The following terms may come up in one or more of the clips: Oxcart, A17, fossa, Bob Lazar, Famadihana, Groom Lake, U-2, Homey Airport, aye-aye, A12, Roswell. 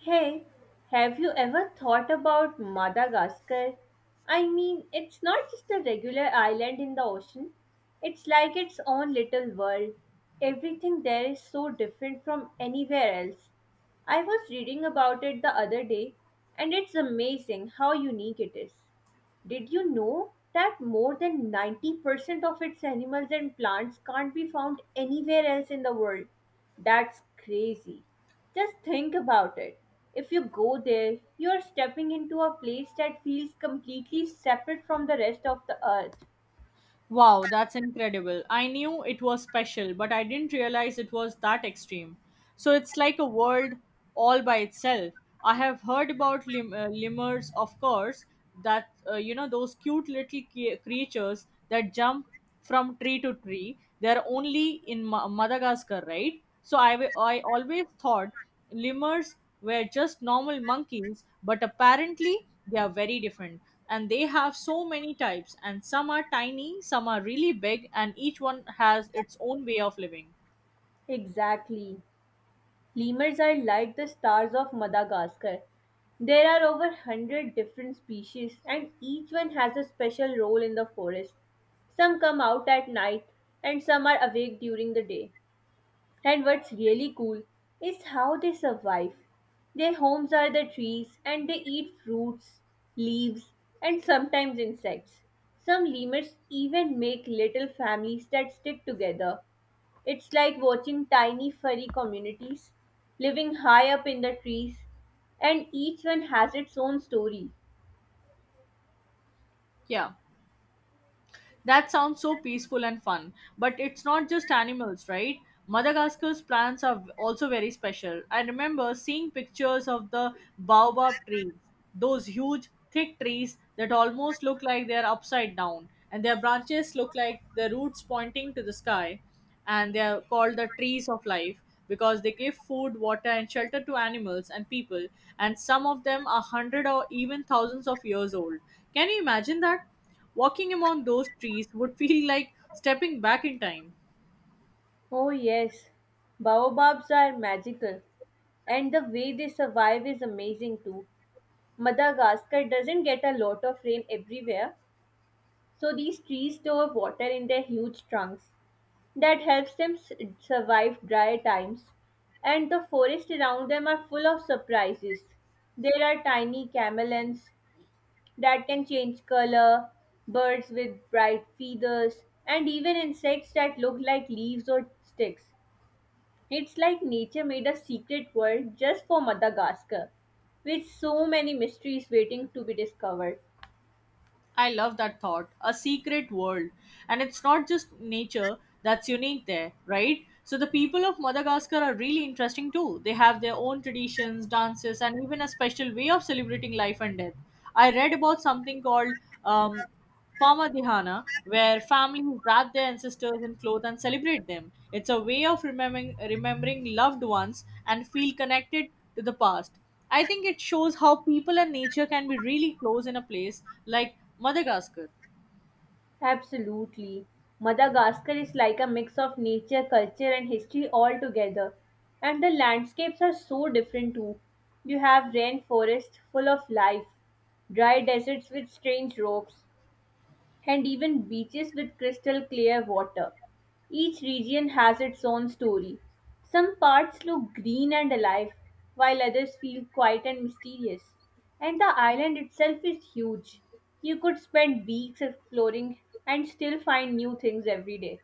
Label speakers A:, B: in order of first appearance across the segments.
A: Hey, have you ever thought about Madagascar? I mean, it's not just a regular island in the ocean, it's like its own little world. Everything there is so different from anywhere else. I was reading about it the other day, and it's amazing how unique it is. Did you know that more than 90% of its animals and plants can't be found anywhere else in the world? That's crazy. Just think about it. If you go there, you are stepping into a place that feels completely separate from the rest of the earth.
B: Wow, that's incredible. I knew it was special, but I didn't realize it was that extreme. So it's like a world all by itself. I have heard about lemurs, of course, those cute little creatures that jump from tree to tree. They're only in Madagascar, right? So I always thought lemurs were just normal monkeys, but apparently they are very different. And they have so many types, and some are tiny, some are really big, and each one has its own way of living.
A: Exactly. Lemurs are like the stars of Madagascar. There are over 100 different species, and each one has a special role in the forest. Some come out at night, and some are awake during the day. And what's really cool is how they survive. Their homes are the trees and they eat fruits, leaves, and sometimes insects. Some lemurs even make little families that stick together. It's like watching tiny furry communities living high up in the trees, and each one has its own story.
B: Yeah. That sounds so peaceful and fun. But it's not just animals, right? Madagascar's plants are also very special. I remember seeing pictures of the baobab trees, those huge, thick trees that almost look like they're upside down, and their branches look like the roots pointing to the sky. And they are called the trees of life because they give food, water, and shelter to animals and people. And some of them are hundred or even thousands of years old. Can you imagine that? Walking among those trees would feel like stepping back in time.
A: Oh, yes, baobabs are magical, and the way they survive is amazing too. Madagascar doesn't get a lot of rain everywhere, so these trees store water in their huge trunks. That helps them survive dry times. And the forests around them are full of surprises. There are tiny chameleons that can change color, birds with bright feathers, and even insects that look like leaves or sticks. It's like nature made a secret world just for Madagascar, with so many mysteries waiting to be discovered.
B: I love that thought, a secret world. And it's not just nature that's unique there, right? So the people of Madagascar are really interesting too. They have their own traditions, dances, and even a special way of celebrating life and death. I read about something called um, Former Dihana, where families wrap their ancestors in cloth and celebrate them. It's a way of remembering loved ones and feel connected to the past. I think it shows how people and nature can be really close in a place like Madagascar.
A: Absolutely. Madagascar is like a mix of nature, culture, and history all together. And the landscapes are so different too. You have rainforests full of life, dry deserts with strange rocks, and even beaches with crystal clear water. Each region has its own story. Some parts look green and alive, while others feel quiet and mysterious. And the island itself is huge. You could spend weeks exploring and still find new things every day.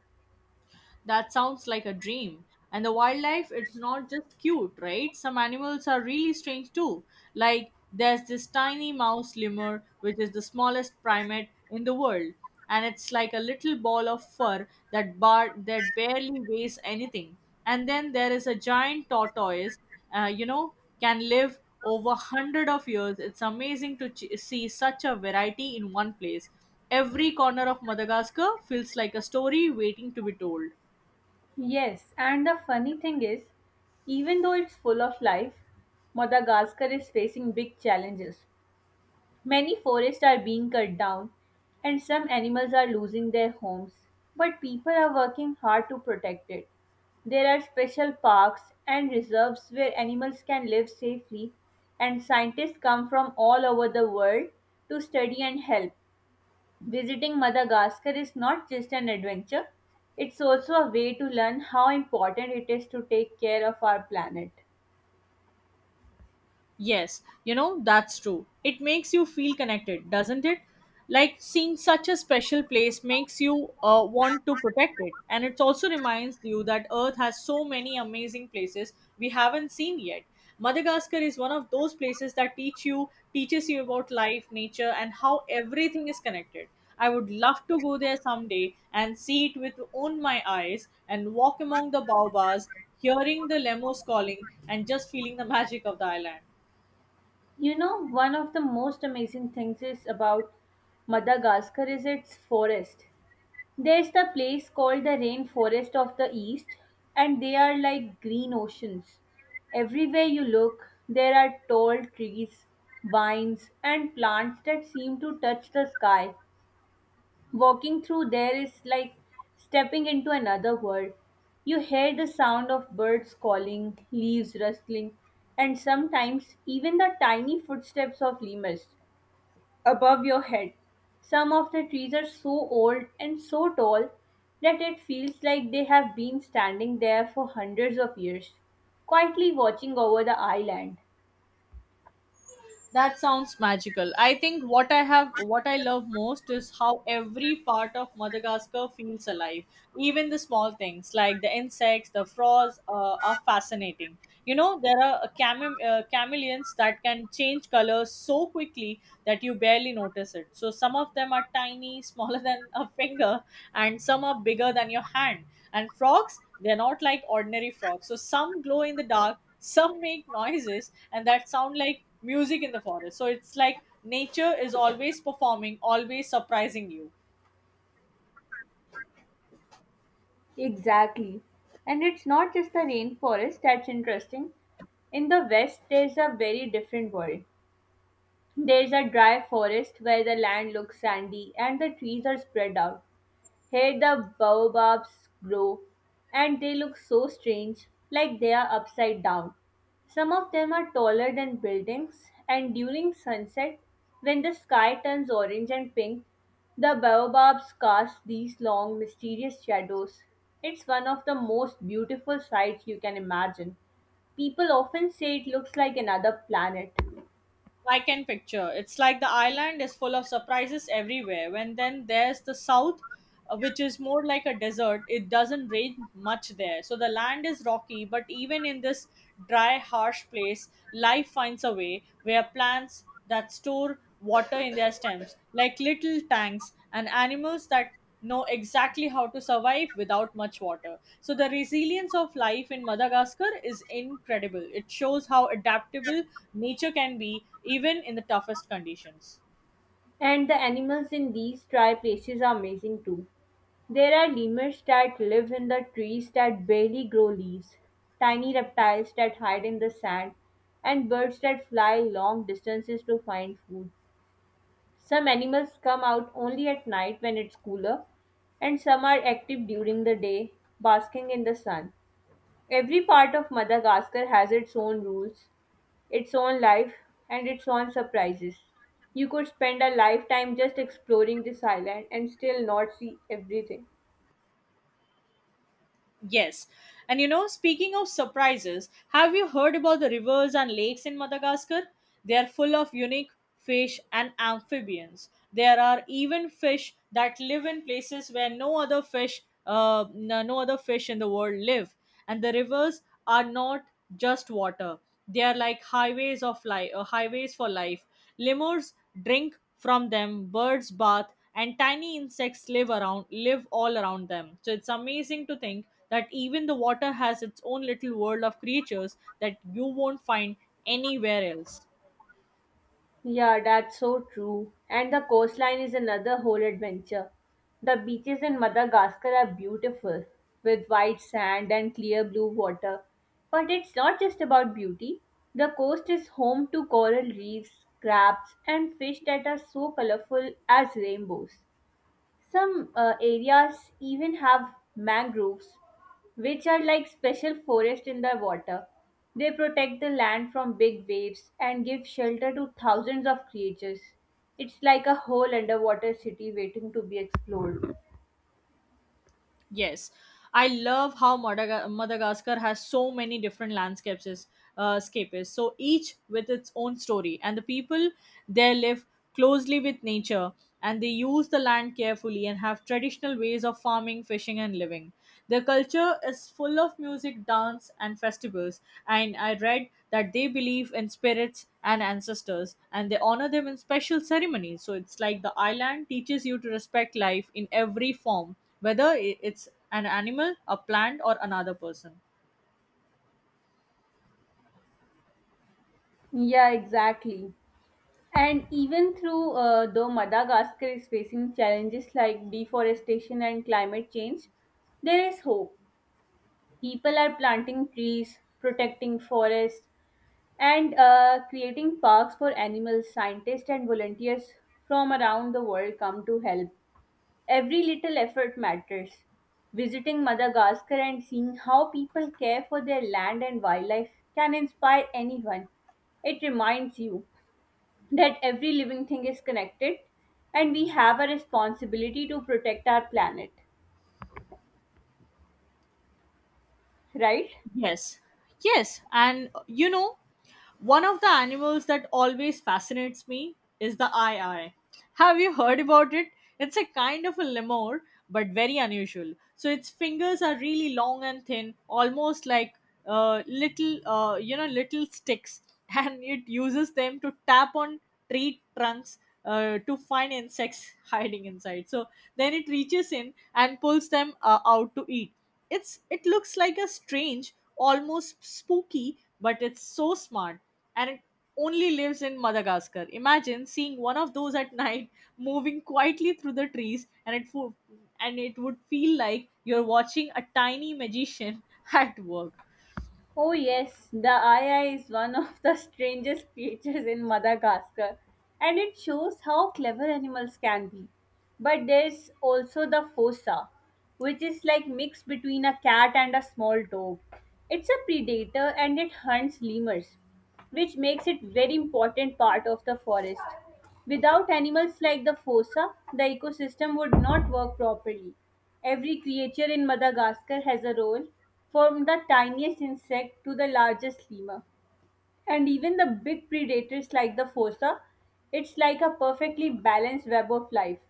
B: That sounds like a dream. And the wildlife, it's not just cute, right? Some animals are really strange too. Like there's this tiny mouse lemur, which is the smallest primate in the world, and it's like a little ball of fur that barely weighs anything. And then there is a giant tortoise, uh, you know, can live over hundred of years. It's amazing to see such a variety in one place. Every corner of Madagascar feels like a story waiting to be told.
A: Yes, and the funny thing is, even though it's full of life, Madagascar is facing big challenges. Many forests are being cut down and some animals are losing their homes, but people are working hard to protect it. There are special parks and reserves where animals can live safely, and scientists come from all over the world to study and help. Visiting Madagascar is not just an adventure, it's also a way to learn how important it is to take care of our planet.
B: Yes, you know, that's true. It makes you feel connected, doesn't it? Like seeing such a special place makes you want to protect it. And it also reminds you that Earth has so many amazing places we haven't seen yet. Madagascar is one of those places that teaches you about life, nature, and how everything is connected. I would love to go there someday and see it with own my eyes and walk among the baobabs, hearing the lemos calling and just feeling the magic of the island.
A: You know, one of the most amazing things is about Madagascar is its forest. There's the place called the rainforest of the east, and they are like green oceans. Everywhere you look, there are tall trees, vines, and plants that seem to touch the sky. Walking through there is like stepping into another world. You hear the sound of birds calling, leaves rustling, and sometimes even the tiny footsteps of lemurs above your head. Some of the trees are so old and so tall that it feels like they have been standing there for hundreds of years, quietly watching over the island.
B: That sounds magical. I think what I love most is how every part of Madagascar feels alive. Even the small things like the insects, the frogs are fascinating. You know, there are chameleons that can change colors so quickly that you barely notice it. So some of them are tiny, smaller than a finger, and some are bigger than your hand. And frogs, they're not like ordinary frogs. So some glow in the dark, some make noises and that sound like music in the forest. So it's like nature is always performing, always surprising you.
A: Exactly. And it's not just the rainforest that's interesting. In the west, there's a very different world. There's a dry forest where the land looks sandy and the trees are spread out. Here the baobabs grow and they look so strange, like they are upside down. Some of them are taller than buildings, and during sunset, when the sky turns orange and pink, the baobabs cast these long, mysterious shadows. It's one of the most beautiful sights you can imagine. People often say it looks like another planet.
B: I can picture It's like the island is full of surprises everywhere. When then there's the south, which is more like a desert. It doesn't rain much there, so the land is rocky, but even in this dry, harsh place, life finds a way, where plants that store water in their stems like little tanks and animals that know exactly how to survive without much water. So, the resilience of life in Madagascar is incredible. It shows how adaptable nature can be, even in the toughest conditions.
A: And the animals in these dry places are amazing too. There are lemurs that live in the trees that barely grow leaves, tiny reptiles that hide in the sand, and birds that fly long distances to find food. Some animals come out only at night when it's cooler, and some are active during the day, basking in the sun. Every part of Madagascar has its own rules, its own life, and its own surprises. You could spend a lifetime just exploring this island and still not see everything.
B: Yes. And you know, speaking of surprises, have you heard about the rivers and lakes in Madagascar? They are full of unique fish and amphibians. There are even fish that live in places where no other fish in the world live. And the rivers are not just water. They are like highways of life, highways for life. Lemurs drink from them, birds bath, and tiny insects live all around them. So it's amazing to think that even the water has its own little world of creatures that you won't find anywhere else.
A: Yeah, that's so true. And the coastline is another whole adventure. The beaches in Madagascar are beautiful, with white sand and clear blue water. But it's not just about beauty. The coast is home to coral reefs, crabs, and fish that are so colorful as rainbows. Some areas even have mangroves, which are like special forests in the water. They protect the land from big waves and give shelter to thousands of creatures. It's like a whole underwater city waiting to be explored.
B: Yes, I love how Madagascar has so many different landscapes, is- scape is. So each with its own story. And the people there live closely with nature, and they use the land carefully and have traditional ways of farming, fishing, and living. Their culture is full of music, dance, and festivals. And I read that they believe in spirits and ancestors and they honor them in special ceremonies. So it's like the island teaches you to respect life in every form, whether it's an animal, a plant, or another person.
A: Yeah, exactly. And even through though Madagascar is facing challenges like deforestation and climate change, there is hope. People are planting trees, protecting forests, and creating parks for animals, scientists, and volunteers from around the world come to help. Every little effort matters. Visiting Madagascar and seeing how people care for their land and wildlife can inspire anyone. It reminds you that every living thing is connected and we have a responsibility to protect our planet, right?
B: Yes, yes, and one of the animals that always fascinates me is the eye eye. Have you heard about it? It's a kind of a lemur, but very unusual. So its fingers are really long and thin, almost like little, little sticks, and it uses them to tap on tree trunks. To find insects hiding inside. So then it reaches in and pulls them out to eat. It looks like a strange, almost spooky, but it's so smart, and it only lives in Madagascar. Imagine seeing one of those at night moving quietly through the trees, and it would feel like you're watching a tiny magician at work.
A: Oh yes, the Aya is one of the strangest creatures in Madagascar, and it shows how clever animals can be. But there's also the fossa, which is like mix between a cat and a small dog. It's a predator and it hunts lemurs, which makes it very important part of the forest. Without animals like the fossa, the ecosystem would not work properly. Every creature in Madagascar has a role, from the tiniest insect to the largest lemur. And even the big predators like the fossa, it's like a perfectly balanced web of life.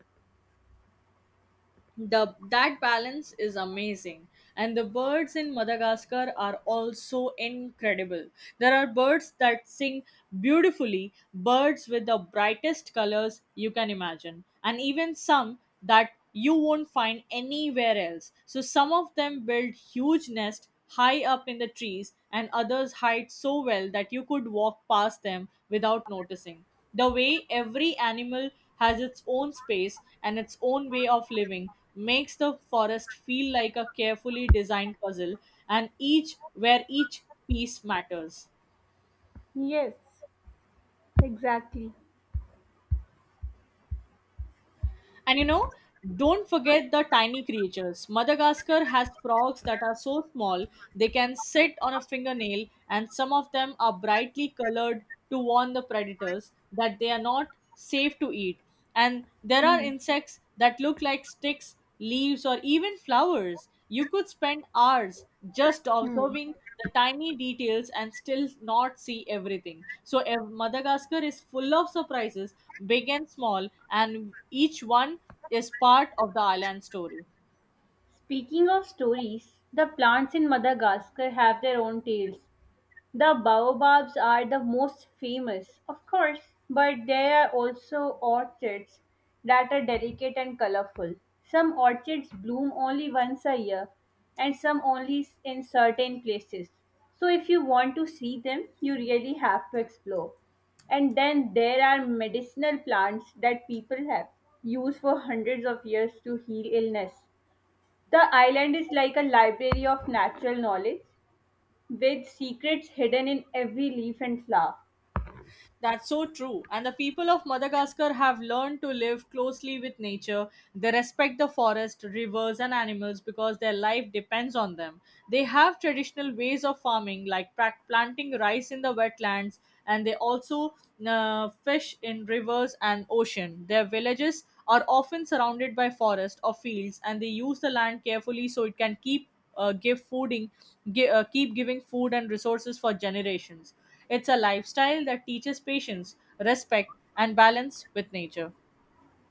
B: The that balance is amazing, and the birds in Madagascar are also incredible. There are birds that sing beautifully, birds with the brightest colors you can imagine, and even some that you won't find anywhere else. So some of them build huge nests high up in the trees, and others hide so well that you could walk past them without noticing. The way every animal has its own space and its own way of living makes the forest feel like a carefully designed puzzle, and each where each piece matters.
A: Yes, exactly.
B: And you know, don't forget the tiny creatures. Madagascar has frogs that are so small they can sit on a fingernail, and some of them are brightly colored to warn the predators that they are not safe to eat. And there are
A: Hmm.
B: insects that look like sticks, leaves, or even flowers. You could spend hours just
A: Hmm.
B: observing the tiny details and still not see everything. So, Madagascar is full of surprises, big and small, and each one is part of the island story.
A: Speaking of stories, the plants in Madagascar have their own tales. The baobabs are the most famous, of course, but there are also orchids that are delicate and colorful. Some orchids bloom only once a year and some only in certain places. So, if you want to see them, you really have to explore. And then there are medicinal plants that people have used for hundreds of years to heal illness. The island is like a library of natural knowledge with secrets hidden in every leaf and flower.
B: That's so true. And the people of Madagascar have learned to live closely with nature. They respect the forest, rivers, and animals because their life depends on them. They have traditional ways of farming, like planting rice in the wetlands, and they also fish in rivers and ocean. Their villages are often surrounded by forest or fields, and they use the land carefully so it can uh, give fooding, keep giving food and resources for generations. It's a lifestyle that teaches patience, respect, and balance with nature.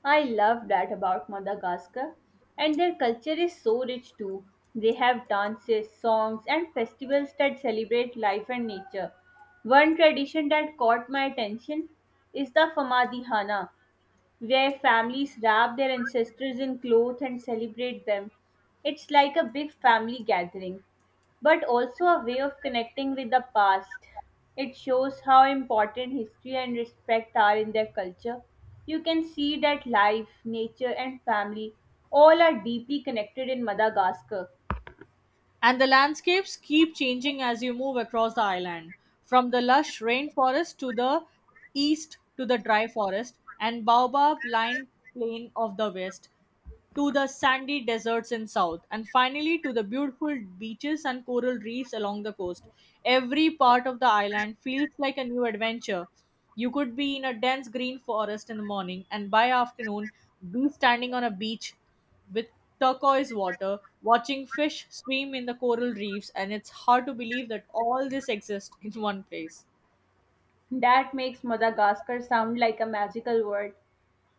A: I love that about Madagascar. And their culture is so rich too. They have dances, songs, and festivals that celebrate life and nature. One tradition that caught my attention is the Famadihana, where families wrap their ancestors in cloth and celebrate them. It's like a big family gathering, but also a way of connecting with the past. It shows how important history and respect are in their culture. You can see that life, nature, and family all are deeply connected in Madagascar.
B: And the landscapes keep changing as you move across the island, from the lush rainforest to the east, to the dry forest and baobab lined plain of the west, to the sandy deserts in south, and finally to the beautiful beaches and coral reefs along the coast. Every part of the island feels like a new adventure. You could be in a dense green forest in the morning, and by afternoon be standing on a beach with turquoise water, watching fish swim in the coral reefs. And it's hard to believe that all this exists in one place.
A: That makes Madagascar sound like a magical world.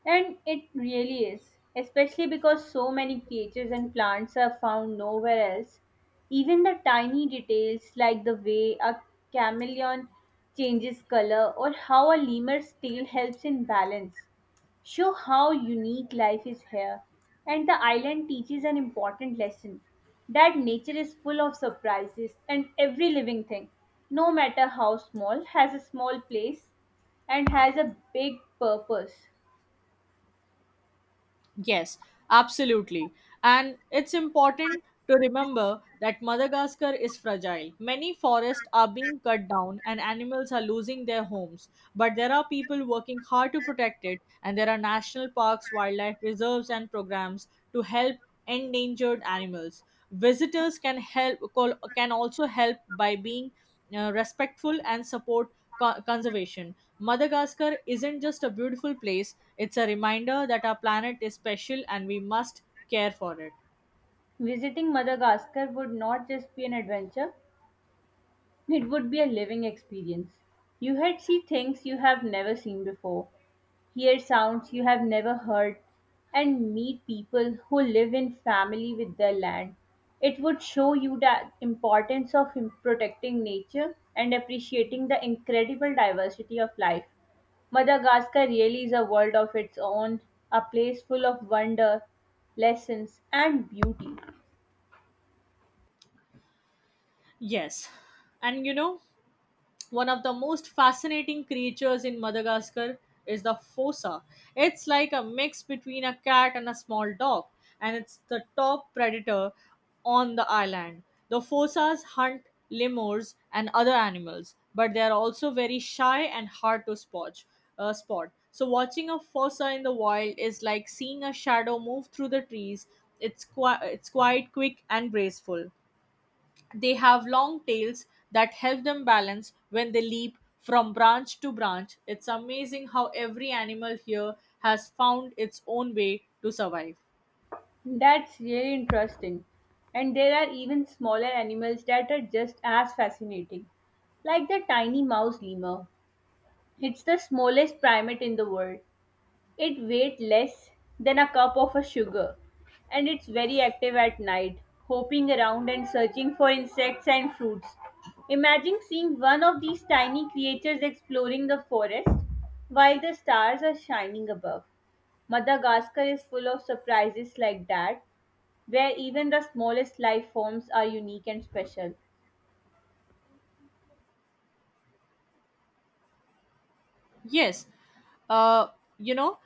A: And it really is, especially because so many creatures and plants are found nowhere else. Even the tiny details like the way a chameleon changes color or how a lemur's tail helps in balance show how unique life is here. And the island teaches an important lesson that nature is full of surprises and every living thing, no matter how small, has a small place and has a big purpose.
B: Yes, absolutely. And it's important to remember that Madagascar is fragile. Many forests are being cut down and animals are losing their homes. But there are people working hard to protect it, and there are national parks, wildlife reserves, and programs to help endangered animals. Visitors can also help by being respectful and support conservation. Madagascar isn't just a beautiful place, it's a reminder that our planet is special and we must care for it.
A: Visiting Madagascar would not just be an adventure, it would be a living experience. You had see things you have never seen before, hear sounds you have never heard, and meet people who live in family with their land. It would show you the importance of protecting nature and appreciating the incredible diversity of life. Madagascar really is a world of its own, a place full of wonder, lessons, and beauty.
B: Yes. And you know, one of the most fascinating creatures in Madagascar is the fossa. It's like a mix between a cat and a small dog, and it's the top predator on the island. The fossas hunt lemurs and other animals, but they are also very shy and hard to spot. So watching a fossa in the wild is like seeing a shadow move through the trees. It's quite quick and graceful. They have long tails that help them balance when they leap from branch to branch. It's amazing how every animal here has found its own way to survive.
A: That's really interesting. And there are even smaller animals that are just as fascinating, like the tiny mouse lemur. It's the smallest primate in the world. It weighs less than a cup of a sugar, and it's very active at night, hopping around and searching for insects and fruits. Imagine seeing one of these tiny creatures exploring the forest while the stars are shining above. Madagascar is full of surprises like that where even the smallest life forms are unique and special.
B: Yes, uh, you know,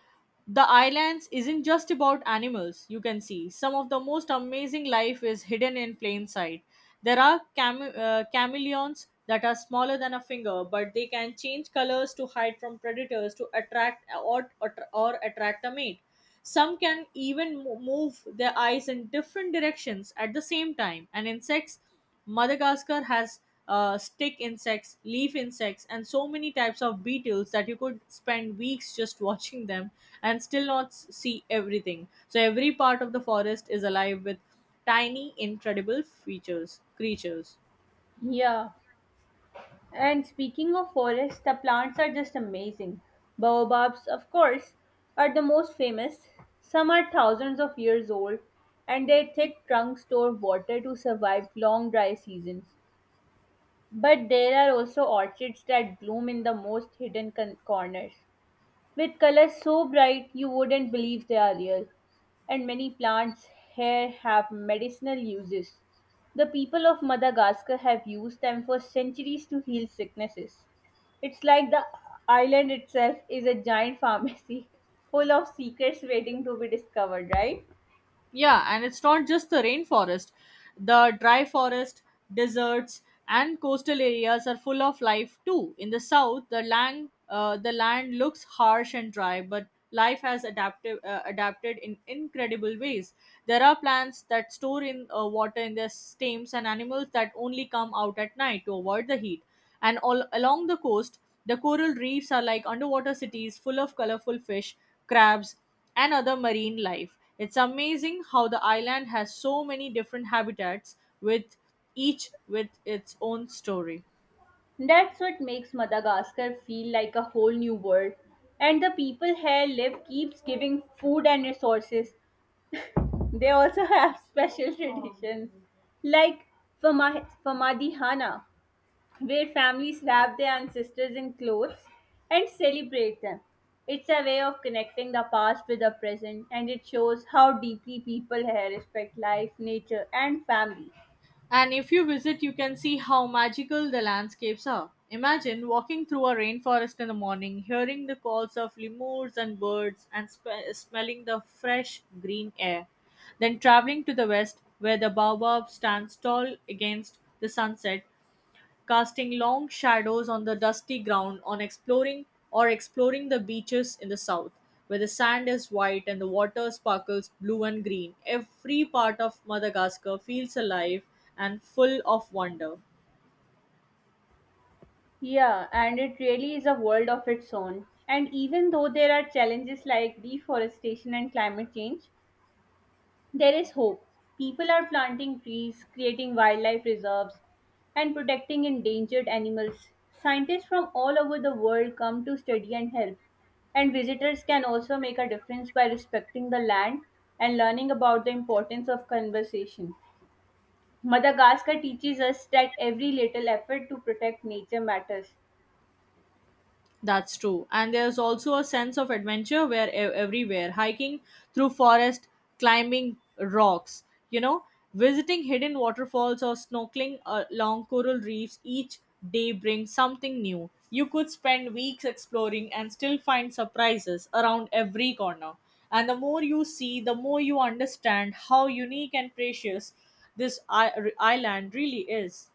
B: the islands isn't just about animals, you can see. Some of the most amazing life is hidden in plain sight. There are chameleons that are smaller than a finger, but they can change colors to hide from predators to attract or attract a mate. Some can even move their eyes in different directions at the same time. And insects, Madagascar has stick insects, leaf insects, and so many types of beetles that you could spend weeks just watching them and still not see everything. So every part of the forest is alive with tiny, incredible features, creatures.
A: Yeah, and speaking of forests, the plants are just amazing. Baobabs, of course, are the most famous. Some are thousands of years old, and their thick trunks store water to survive long dry seasons. But there are also orchids that bloom in the most hidden corners, with colors so bright you wouldn't believe they are real. And many plants here have medicinal uses. The people of Madagascar have used them for centuries to heal sicknesses. It's like the island itself is a giant pharmacy full of secrets waiting to be discovered, right?
B: Yeah, and it's not just the rainforest. The dry forest, deserts, and coastal areas are full of life too. In the south, the land looks harsh and dry, but life has adapted in incredible ways. There are plants that store in water in their stems and animals that only come out at night to avoid the heat. And all along the coast, the coral reefs are like underwater cities full of colorful fish, crabs, and other marine life. It's amazing how the island has so many different habitats with each with its own story.
A: That's what makes Madagascar feel like a whole new world. And the people here live keeps giving food and resources. They also have special traditions like Famadihana, where families wrap their ancestors in clothes and celebrate them. It's a way of connecting the past with the present, and it shows how deeply people here respect life, nature, and family.
B: And if you visit, you can see how magical the landscapes are. Imagine walking through a rainforest in the morning, hearing the calls of lemurs and birds, and smelling the fresh green air. Then traveling to the west, where the baobab stands tall against the sunset, casting long shadows on the dusty ground on exploring the beaches in the south where the sand is white and the water sparkles blue and green. Every part of Madagascar feels alive and full of wonder.
A: Yeah, and it really is a world of its own. And even though there are challenges like deforestation and climate change, there is hope. People are planting trees, creating wildlife reserves, and protecting endangered animals. Scientists from all over the world come to study and help. And visitors can also make a difference by respecting the land and learning about the importance of conservation. Madagascar teaches us that every little effort to protect nature matters.
B: That's true. And there's also a sense of adventure where everywhere hiking through forest, climbing rocks, you know, visiting hidden waterfalls or snorkeling along coral reefs, each day brings something new. You could spend weeks exploring and still find surprises around every corner. And the more you see, the more you understand how unique and precious this island really is.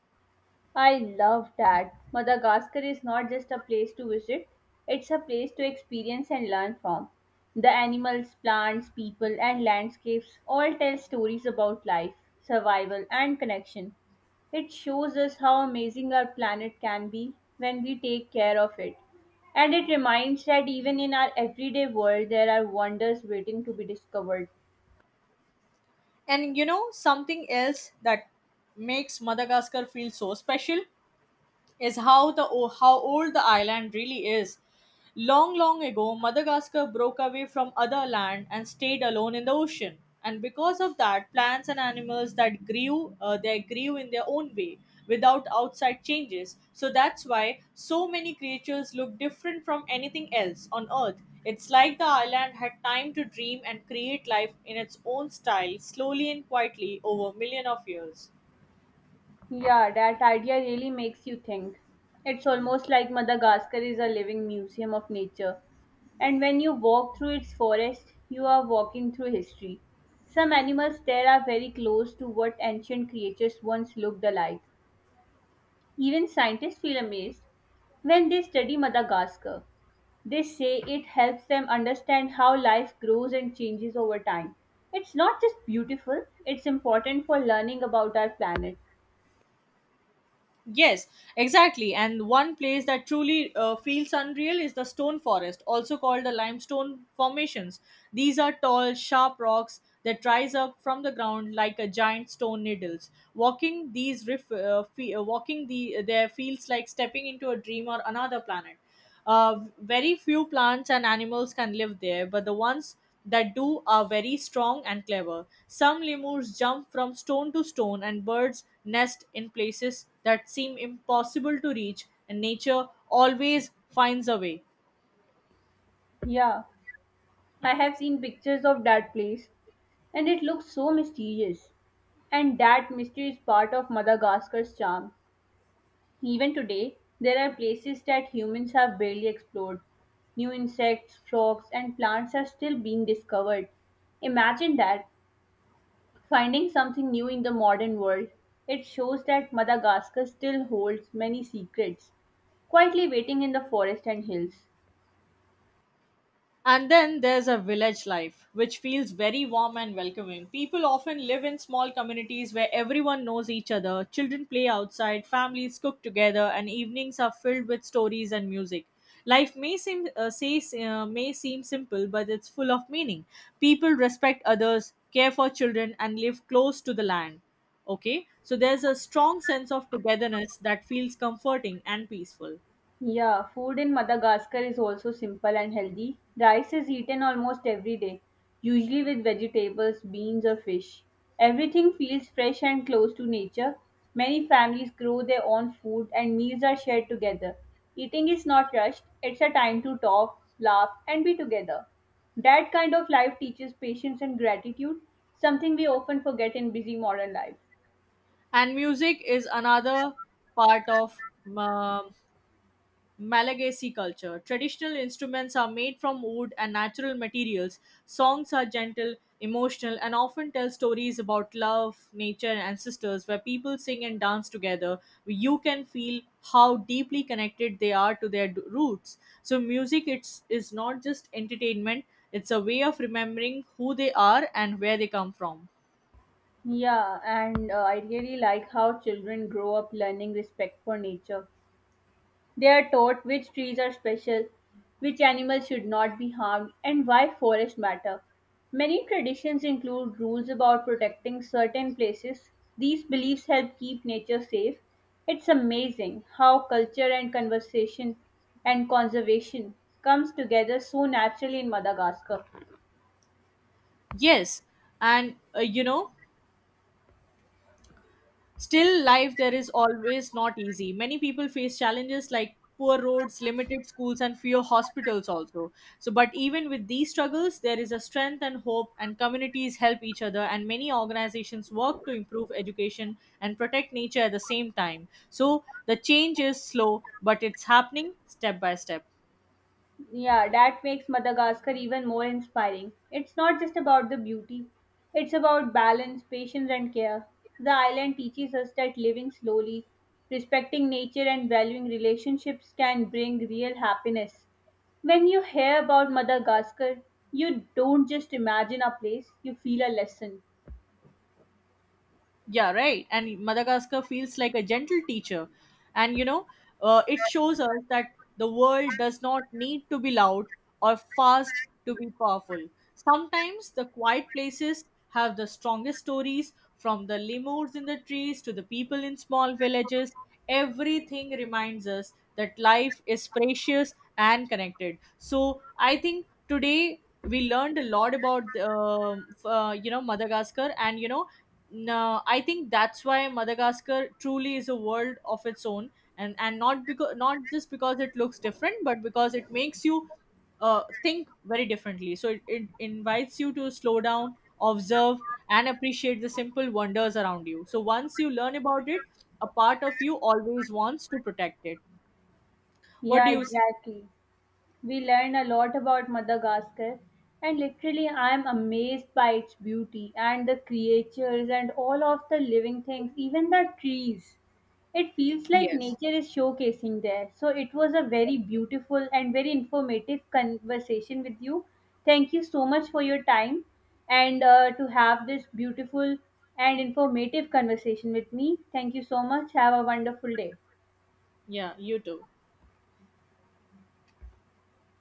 A: I love that. Madagascar is not just a place to visit, it's a place to experience and learn from. The animals, plants, people, and landscapes all tell stories about life, survival, and connection. It shows us how amazing our planet can be when we take care of it. And it reminds that even in our everyday world, there are wonders waiting to be discovered.
B: And you know something else that makes Madagascar feel so special? Is how how old the island really is. Long, long ago, Madagascar broke away from other land and stayed alone in the ocean. And because of that, plants and animals that grew, they grew in their own way without outside changes. So that's why so many creatures look different from anything else on Earth. It's like the island had time to dream and create life in its own style, slowly and quietly over million of years.
A: Yeah, that idea really makes you think. It's almost like Madagascar is a living museum of nature. And when you walk through its forest, you are walking through history. Some animals there are very close to what ancient creatures once looked alike. Even scientists feel amazed when they study Madagascar. They say it helps them understand how life grows and changes over time. It's not just beautiful, it's important for learning about our planet.
B: Yes, exactly. And one place that truly feels unreal is the stone forest, also called the limestone formations. These are tall, sharp rocks that rise up from the ground like a giant stone needles. Walking these riff, fe- walking the there feels like stepping into a dream or another planet. Very few plants and animals can live there, but the ones that do are very strong and clever. Some lemurs jump from stone to stone, and birds nest in places that seem impossible to reach, and nature always finds a way.
A: Yeah. I have seen pictures of that place and it looks so mysterious. And that mystery is part of Madagascar's charm. Even today, there are places that humans have barely explored. New insects, frogs, and plants are still being discovered. Imagine that, finding something new in the modern world. It shows that Madagascar still holds many secrets, quietly waiting in the forest and hills.
B: And then there's a village life, which feels very warm and welcoming. People often live in small communities where everyone knows each other, children play outside, families cook together, and evenings are filled with stories and music. Life may seem simple, but it's full of meaning. People respect others, care for children, and live close to the land. Okay, so there's a strong sense of togetherness that feels comforting and peaceful.
A: Yeah, food in Madagascar is also simple and healthy. Rice is eaten almost every day, usually with vegetables, beans, or fish. Everything feels fresh and close to nature. Many families grow their own food and meals are shared together. Eating is not rushed, it's a time to talk, laugh, and be together. That kind of life teaches patience and gratitude, something we often forget in busy modern life.
B: And music is another part of um Malagasy culture. Traditional instruments are made from wood and natural materials. Songs are gentle, emotional, and often tell stories about love, nature, and ancestors where people sing and dance together. You can feel how deeply connected they are to their roots. So, music is not just entertainment, it's a way of remembering who they are and where they come from.
A: Yeah, and I really like how children grow up learning respect for nature. They are taught which trees are special, which animals should not be harmed, and why forests matter. Many traditions include rules about protecting certain places. These beliefs help keep nature safe. It's amazing how culture and conversation and conservation comes together so naturally in Madagascar.
B: Yes, and you know, still, life there is always not easy. Many people face challenges like poor roads, limited schools, and fewer hospitals also. So, but even with these struggles, there is a strength and hope, and communities help each other, and many organizations work to improve education and protect nature at the same time. So, the change is slow, but it's happening step by step.
A: Yeah, that makes Madagascar even more inspiring. It's not just about the beauty, it's about balance, patience, and care. The island teaches us that living slowly, respecting nature, and valuing relationships can bring real happiness. When you hear about Madagascar, you don't just imagine a place, you feel a lesson.
B: Yeah, right. And Madagascar feels like a gentle teacher. And you know, it shows us that the world does not need to be loud or fast to be powerful. Sometimes the quiet places have the strongest stories from the lemurs in the trees to the people in small villages. Everything reminds us that life is precious and connected. So I think today we learned a lot about you know, Madagascar. And you know no, I think that's why Madagascar truly is a world of its own, and not because, not just because it looks different, but because it makes you think very differently. So it invites you to slow down, observe, and appreciate the simple wonders around you. So once you learn about it, a part of you always wants to protect it. What
A: Yeah,
B: do you say?
A: exactly. We learn a lot about Madagascar, and literally, I am amazed by its beauty and the creatures and all of the living things, even the trees. It feels like
B: Yes.
A: nature is showcasing there. So, it was a very beautiful and very informative conversation with you. Thank you so much for your time and to have this beautiful and informative conversation with me. Thank you so much. Have a wonderful day.
B: Yeah, you too.